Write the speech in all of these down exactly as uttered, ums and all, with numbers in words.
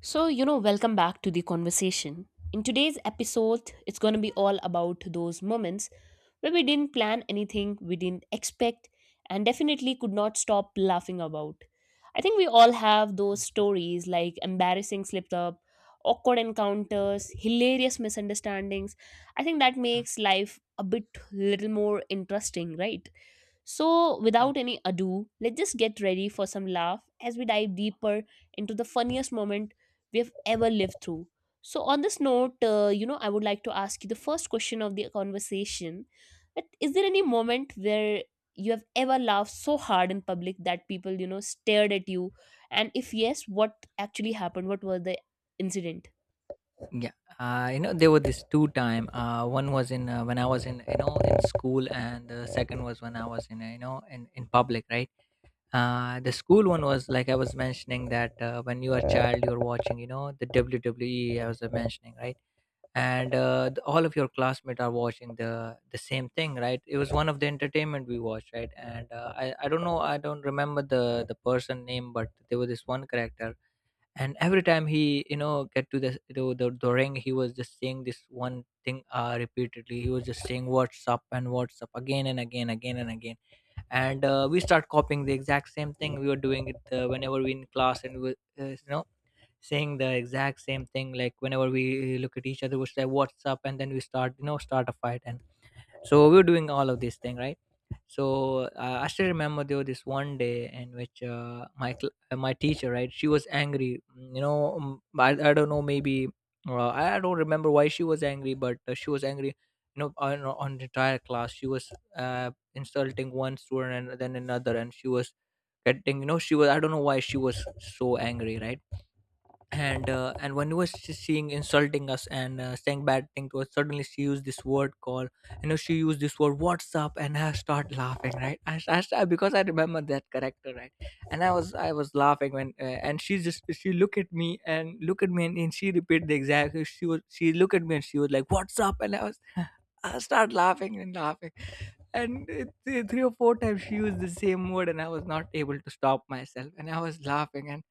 So, you know, welcome back to the conversation. In today's episode, it's going to be all about those moments where we didn't plan anything, we didn't expect, and definitely could not stop laughing about. I think we all have those Mm, stories like embarrassing slipped up, awkward encounters, hilarious misunderstandings. I think that mm, makes life a bit little more interesting, right? So, yum. without any ado, let's just get ready for some laugh as we dive deeper into the funniest moment we have ever lived through. So, on this note, uh, you know, I would like to ask you the first question of the conversation. That is there any moment where you have ever laughed so hard in public that people, you know, stared at you? And if yes, what actually happened? What was the incident? Yeah, uh, you know there were these two time. Uh, one was in uh, when I was in you know in school, and the second was when I was in uh, you know in in public, right? Uh, the school one was like I was mentioning that uh, when you are a child, you're watching you know the W W E. I was uh, mentioning, right, and uh, the, all of your classmates are watching the the same thing, right? It was one of the entertainment we watched, right? And uh, I I don't know, I don't remember the the person name, but there was this one character, and every time he you know get to the the, the, the ring, he was just saying this one thing uh, repeatedly. He was just saying what's up and what's up, again and again, again and again And uh, we start copying the exact same thing. We were doing it uh, whenever we in class, and we were, uh, you know saying the exact same thing, like whenever we look at each other, we say what's up, and then we start you know start a fight. And so we were doing all of this thing, right. So uh, I still remember there was this one day in which uh, my cl- uh, my teacher, right, she was angry. mm, you know um, i, I don't know, maybe uh, i I don't remember why she was angry, but uh, she was angry, you know, on, on the entire class. She was uh, insulting one student and then another, and she was getting, you know, she was, I don't know why she was so angry, right. And uh, and when he was she- seeing insulting us and uh, saying bad thing to us, suddenly she used this word called, you know, she used this word what's up, and I start laughing, right. I, s- I s- because I remember that character, right. And i was I was laughing when uh, and she just she look at me and look at me, and, and she repeat the exact she was she look at me and she was like what's up, and I was I start laughing and laughing, and it, it- three or four times she used the same word, and I was not able to stop myself, and I was laughing,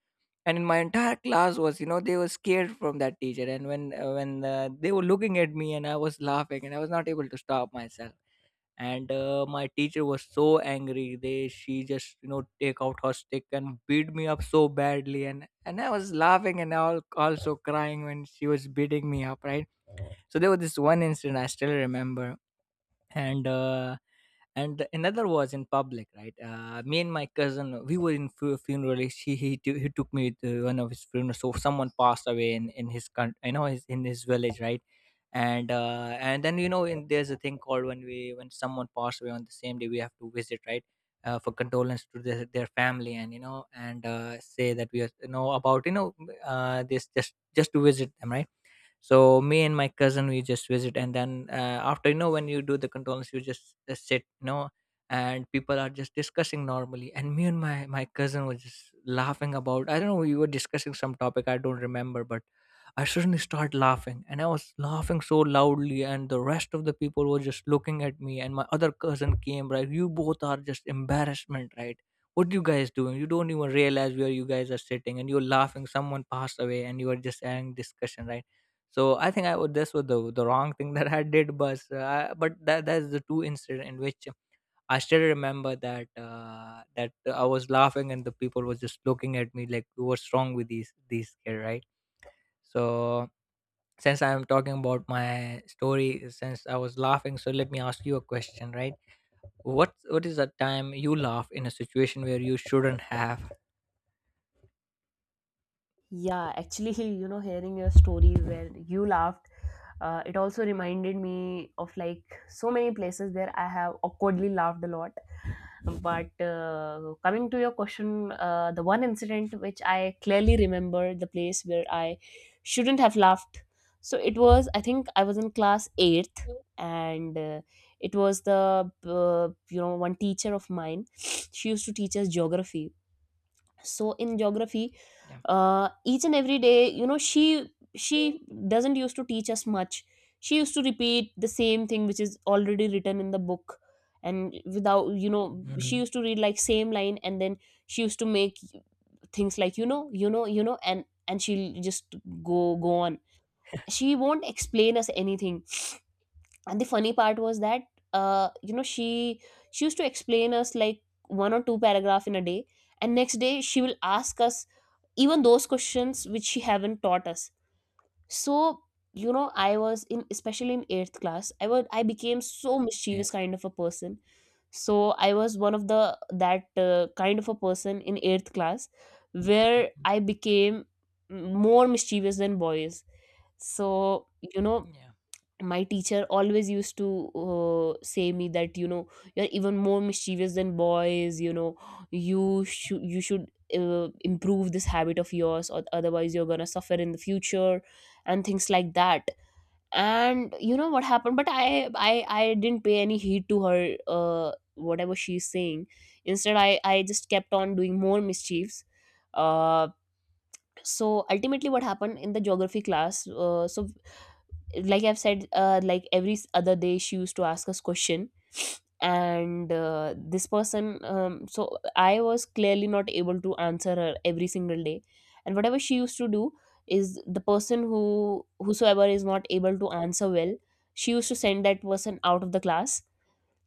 and in my entire class was, you know, they were scared from that teacher. And when uh, when uh, they were looking at me and I was laughing and I was not able to stop myself, and uh, my teacher was so angry they she just, you know, take out her stick and beat me up so badly. And and I was laughing and all also crying when she was beating me up, right. So there was this one incident I still remember. and uh, and another was in public, right. Uh, me and my cousin we were in fu- funeral. He he, t- he took me to one of his funerals. So someone passed away in in his country, you know, his, in his village, right. And uh, and then, you know, in, there's a thing called when we when someone passed away on the same day, we have to visit, right, uh, for condolence to their, their family, and you know, and uh, say that we are, you know, about, you know, uh, this just just to visit them, right. So me and my cousin we just visit, and then uh, after, you know, when you do the controls, you just uh, sit, you know, and people are just discussing normally, and me and my my cousin was just laughing about, I don't know, we were discussing some topic I don't remember, but I suddenly started laughing and I was laughing so loudly, and the rest of the people were just looking at me, and my other cousin came, right, you both are just embarrassment, right. What are you guys doing? You don't even realize where you guys are sitting, and you're laughing. Someone passed away and you are just having discussion, right. So I think I would this was the, the wrong thing that I did, but uh, but that that's the two incident in which I still remember that uh, that I was laughing and the people were just looking at me like, what's wrong with these these kid, right. So since I'm talking about my story, since I was laughing, so let me ask you a question, right. What what is a time you laugh in a situation where you shouldn't have? Yeah, actually, you know, hearing your story where you laughed, uh, it also reminded me of like so many places where I have awkwardly laughed a lot. But uh, coming to your question, uh, the one incident which I clearly remember, the place where I shouldn't have laughed. So it was, I think I was in class eighth, and uh, it was the, uh, you know, one teacher of mine. She used to teach us geography, so in geography, Yeah. uh, each and every day, you know she she doesn't used to teach us much. She used to repeat the same thing which is already written in the book. And without you know she Mhm. used to read like same line, and then she used to make things like, you know you know you know and and she'll just go go on. She won't explain us anything. And the funny part was that, uh you know she she used to explain us like one or two paragraph in a day, and next day she will ask us even those questions which she haven't taught us. So, you know I was in, especially in eighth class, i was I became so Yeah. mischievous kind of a person. So I was one of the, that uh, kind of a person in eighth class where Mhm. I became m- more mischievous than boys. So, you know Yeah. my teacher always used to, uh, say me that, you know you're even more mischievous than boys. you know you should you should uh, improve this habit of yours, or otherwise you're gonna suffer in the future, and things like that. And you know what happened, but i i i didn't pay any heed to her, uh, whatever she's saying. Instead, i i just kept on doing more mischiefs. uh, so ultimately what happened in the geography class, uh, so like I've said, uh, like every s- other day, she used to ask us question. And uh, this person, um, so I was clearly not able to answer her every single day. And whatever she used to do is, the person who whosoever is not able to answer well, she used to send that person out of the class.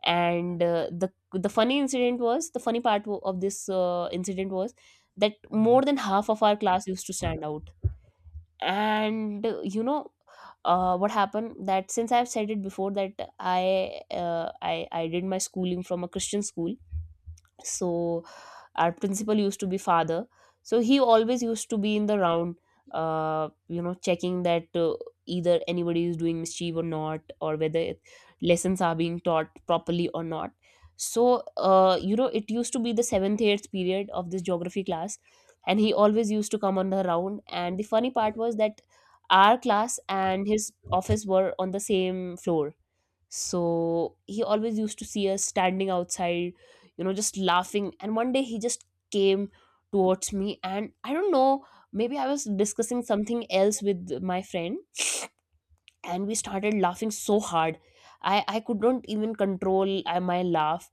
And uh, the the funny incident was, the funny part wo- of this uh, incident was, that more Mhm. than half of our class used to stand out. And uh, you know uh, what happened that, since I've said it before that, i uh, i i did my schooling from a Christian school. So our principal used to be father. So he always used to be in the round, uh, you know checking that, uh, either anybody is doing mischief or not, or whether it- lessons are being taught properly or not. So, uh, you know it used to be the seventh eighth period of this geography class, and he always used to come on the round. And the funny part was that our class and his office were on the same floor. So he always used to see us standing outside, you know, just laughing. And one day he just came towards me, and I don't know, maybe I was discussing something else with my friend, and we started laughing so hard. I, I could not even control uh, my laugh.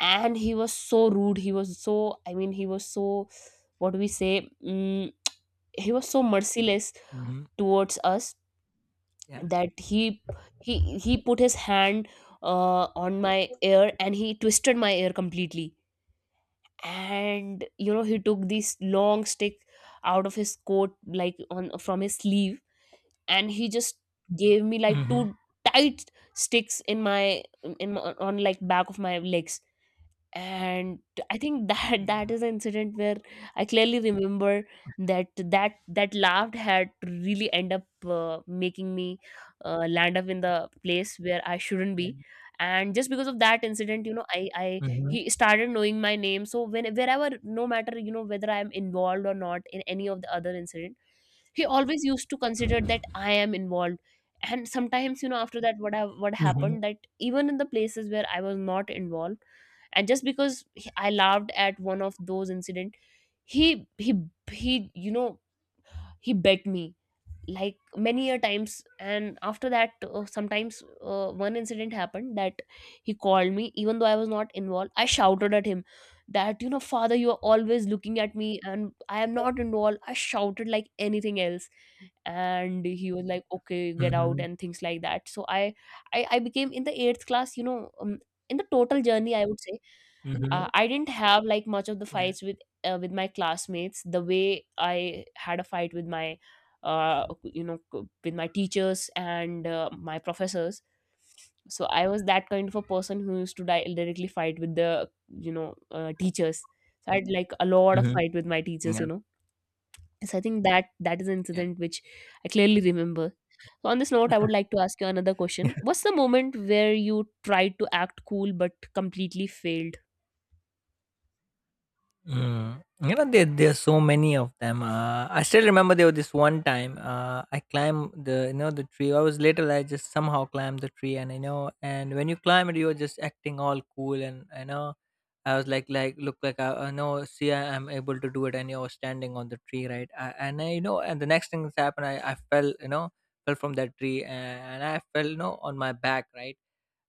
And he was so rude. He was so, I mean, he was so, what do we say? Mm, he was so merciless Mhm. towards us, Yeah. that he he he put his hand uh, on my ear, and he twisted my ear completely. And you know he took this long stick out of his coat, like on from his sleeve, and he just gave me like Mm-hmm. Yeah. two tight sticks in my, in my, on like back of my legs. And I think that that Mhm. is an incident where I clearly remember, that that that laugh had really end up, uh, making me uh, land up in the place where I shouldn't Yeah. be. And just because of that incident, you know I I Mhm, he started knowing my name. So when, wherever, no matter, you know whether I am involved or not in any of the other incident, he always used to consider that I am involved. And sometimes, you know after that, what I, what mhm, happened that, even in the places where I was not involved, and just because he- I laughed at one of those incident, he he he you know he begged me like many a times. And after that, uh, sometimes, uh, one incident happened that he called me even though I was not involved. I shouted at him, that, you know father, you are always looking at me and I am not involved. I shouted like anything else. And he was like, okay, get out, mhm, and things like that. So i i, I became, in the eighth class, you know um, in the total journey I would say, uh, mhm, I didn't have like much of the yeah, fights with, uh, with my classmates, the way I had a fight with my, uh, you know co- with my teachers and, uh, my professors. So I was that kind of a person who used to di- directly fight with the, you know uh, teachers. So I had like a lot of mhm, fight with my teachers, you yeah, know so I think that that is an incident which I clearly remember. So on this note, I would like to ask you another yeah. question. What's the moment where you tried to act cool but completely failed? Mm, you know, there there's so many of them. Uh, I still remember there was this one time. Uh, I climbed the, you know, the tree. I was little. I just somehow climbed the tree, and you know, and when you climb it, you're just acting all cool, and you know, I was like, like, look, like I, I know, see, I am able to do it, and you're standing on the tree, right? I, and I, you know, and the next thing that's happened, I, I fell, you know, fell from that tree, and, and I fell, you know, on my back, right?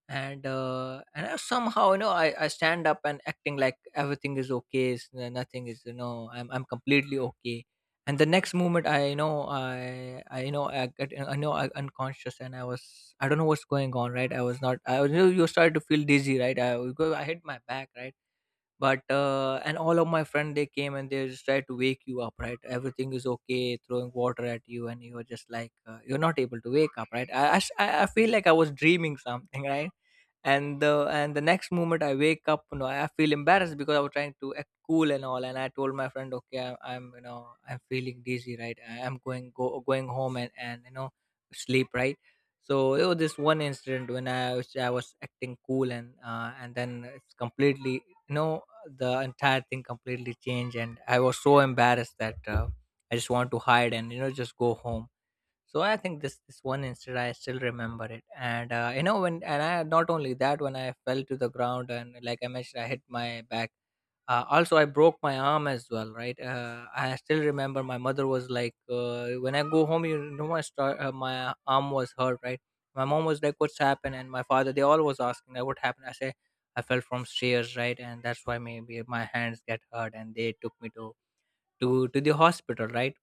and uh, And I somehow, you know, I, I stand up and acting like everything is okay. S- n- nothing is, you know, I'm, I'm completely okay. And the next moment I you know I I you know I get I know I unconscious, and I was, I don't know what's going on, right. I was not, I was, you know, you started to feel dizzy, right. I Because I hit my back, right. But uh, and all of my friend they came and they just tried to wake you up, right, everything is okay, throwing water at you, and you are just like, uh, you're not able to wake up, right. I, I s- I- I feel like I was dreaming something right. And the and the next moment I wake up, you know, I feel embarrassed because I was trying to act cool and all, and I told my friend, okay, i'm, I'm, you know, I'm feeling dizzy, right. I- I'm going go going home and and you know sleep, right. So it was this one incident when I was, I was acting cool, and uh, and then it's completely, you know, the entire thing completely changed, and I was so embarrassed that uh, I just want to hide, and you know, just go home. So I think this, this one incident I still remember it, and uh, you know, when and I not only that, when I fell to the ground and like I mentioned, I hit my back, uh, also I broke my arm as well, right. uh, I still remember my mother was like, uh, when I go home, you know, my star, uh, my arm was hurt, right. My mom was like, what's happened? And my father they all was asking like, what happened? I say I fell from stairs, right, and that's why maybe my hands get hurt, and they took me to to to the hospital, right.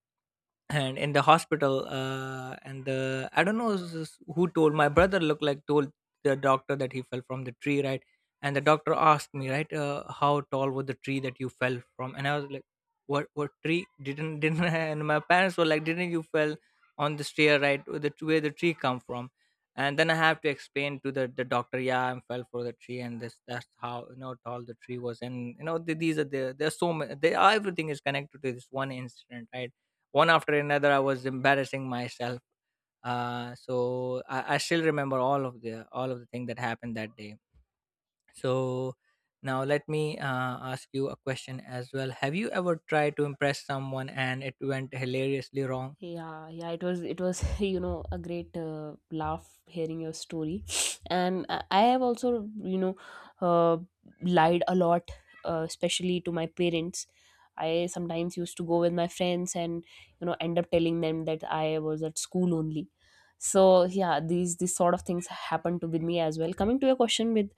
And in the hospital, uh, and the I don't know s- s- who told my brother looked like told the doctor that he fell from the tree, right. And the doctor asked me, right, uh, how tall was the tree that you fell from? And I was like, what what tree? didn't didn't I? And my parents were like, didn't you fell on the stair, right, where the where the tree come from? And then I have to explain to the, the doctor, yeah I fell for the tree, and this that's how, you know, tall the tree was. And you know, th- these are the there's so many they are, everything is connected to this one incident, right. One after another, I was embarrassing myself. Uh, so I, I still remember all of the all of the thing that happened that day. So now let me uh, ask you a question as well. Have you ever tried to impress someone and it went hilariously wrong? Yeah, yeah, it was it was you know a great uh, laugh hearing your story, and I I have also, you know uh, lied a lot, uh, especially to my parents. I sometimes used to go with my friends and you know end up telling them that I was at school only. So yeah, these these sort of things happened to with me as well. Coming to your question, with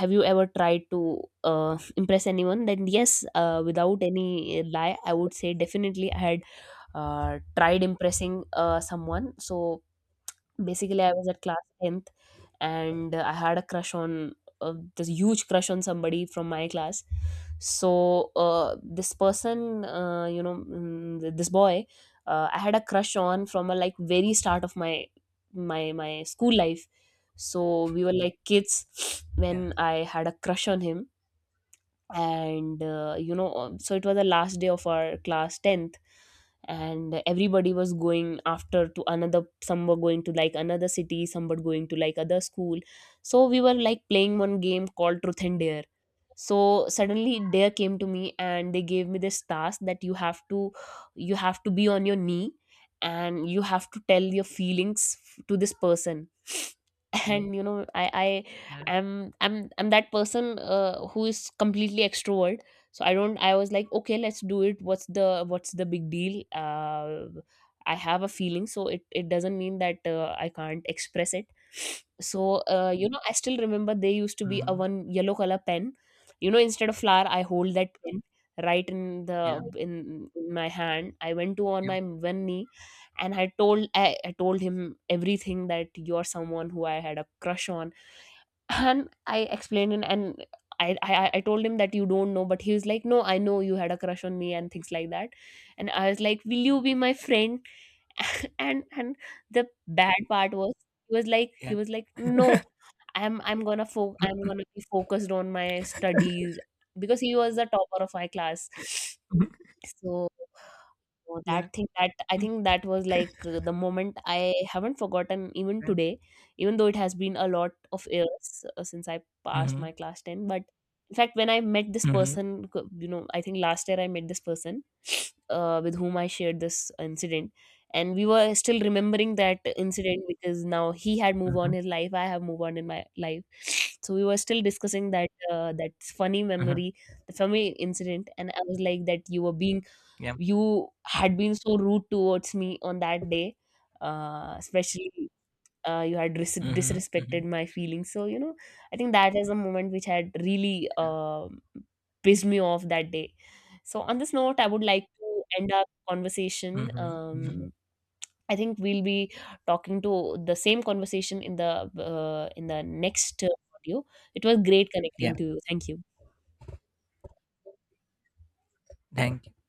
have you ever tried to uh, impress anyone? Then yes, uh, without any lie, I would say definitely I had uh, tried impressing uh, someone. So basically, I was at class tenth, and I had a crush on, uh, this huge crush on somebody from my class. So uh, this person, uh, you know, mm, th- this boy, uh, I had a crush on from a like very start of my my my school life. So we were like kids when Yeah. I had a crush on him, and uh, you know um, so it was the last day of our class tenth. And everybody was going after to another, some were going to like another city, some were going to like other school. So we were like playing one game called truth and dare. So suddenly dare came to me, and they gave me this task, that you have to you have to be on your knee, and you have to tell your feelings f- to this person. And, you know I I Yeah. am I'm I'm that person, uh, who is completely extrovert. So I don't I was like, okay, let's do it. What's the what's the big deal? uh, I have a feeling, so it, it doesn't mean that uh, I can't express it. So, uh, you know I still remember there used to be a Hmm. one yellow color pen. You know instead of flower, I hold that pen right in Yeah. the in, in my hand. I went to on Yeah. my one knee, and i told I, I told him everything, that you're someone who I had a crush on, and I explained, and and I, I I I told him that you don't know, but he was like, no, I know you had a crush on me and things like that. And I was like, will you be my friend? and and the bad part was, he was like he Yeah. was like no, I'm I'm gonna fo- I'm gonna be focused on my studies, because he was the topper of my class. So, so Yeah. that thing, that I Mm-hmm. think that was like, uh, the moment I haven't forgotten even today, even though it has been a lot of years, uh, since I passed Mm-hmm. my class ten. But in fact, when I met this Mm-hmm. person, c- you know, I think last year I met this person, uh, with whom I shared this incident. And we were still remembering that incident, because now he had moved on his life, I have moved on in my life. So we were still discussing, that uh, that funny Mm-hmm. memory, the funny incident, and I was like, that you were being Yeah. you had been so rude towards me on that day, uh, especially, uh, you had dis- Mm-hmm. disrespected Mm-hmm. my feelings. So, you know, I think that is a moment which had really Yeah. um pissed me off that day. So, on this note, I would like to end our conversation. Hmm. Um, I think we'll be talking to the same conversation in the uh, in the next uh, audio. It was great Yeah. connecting to you. Thank you. Thank you.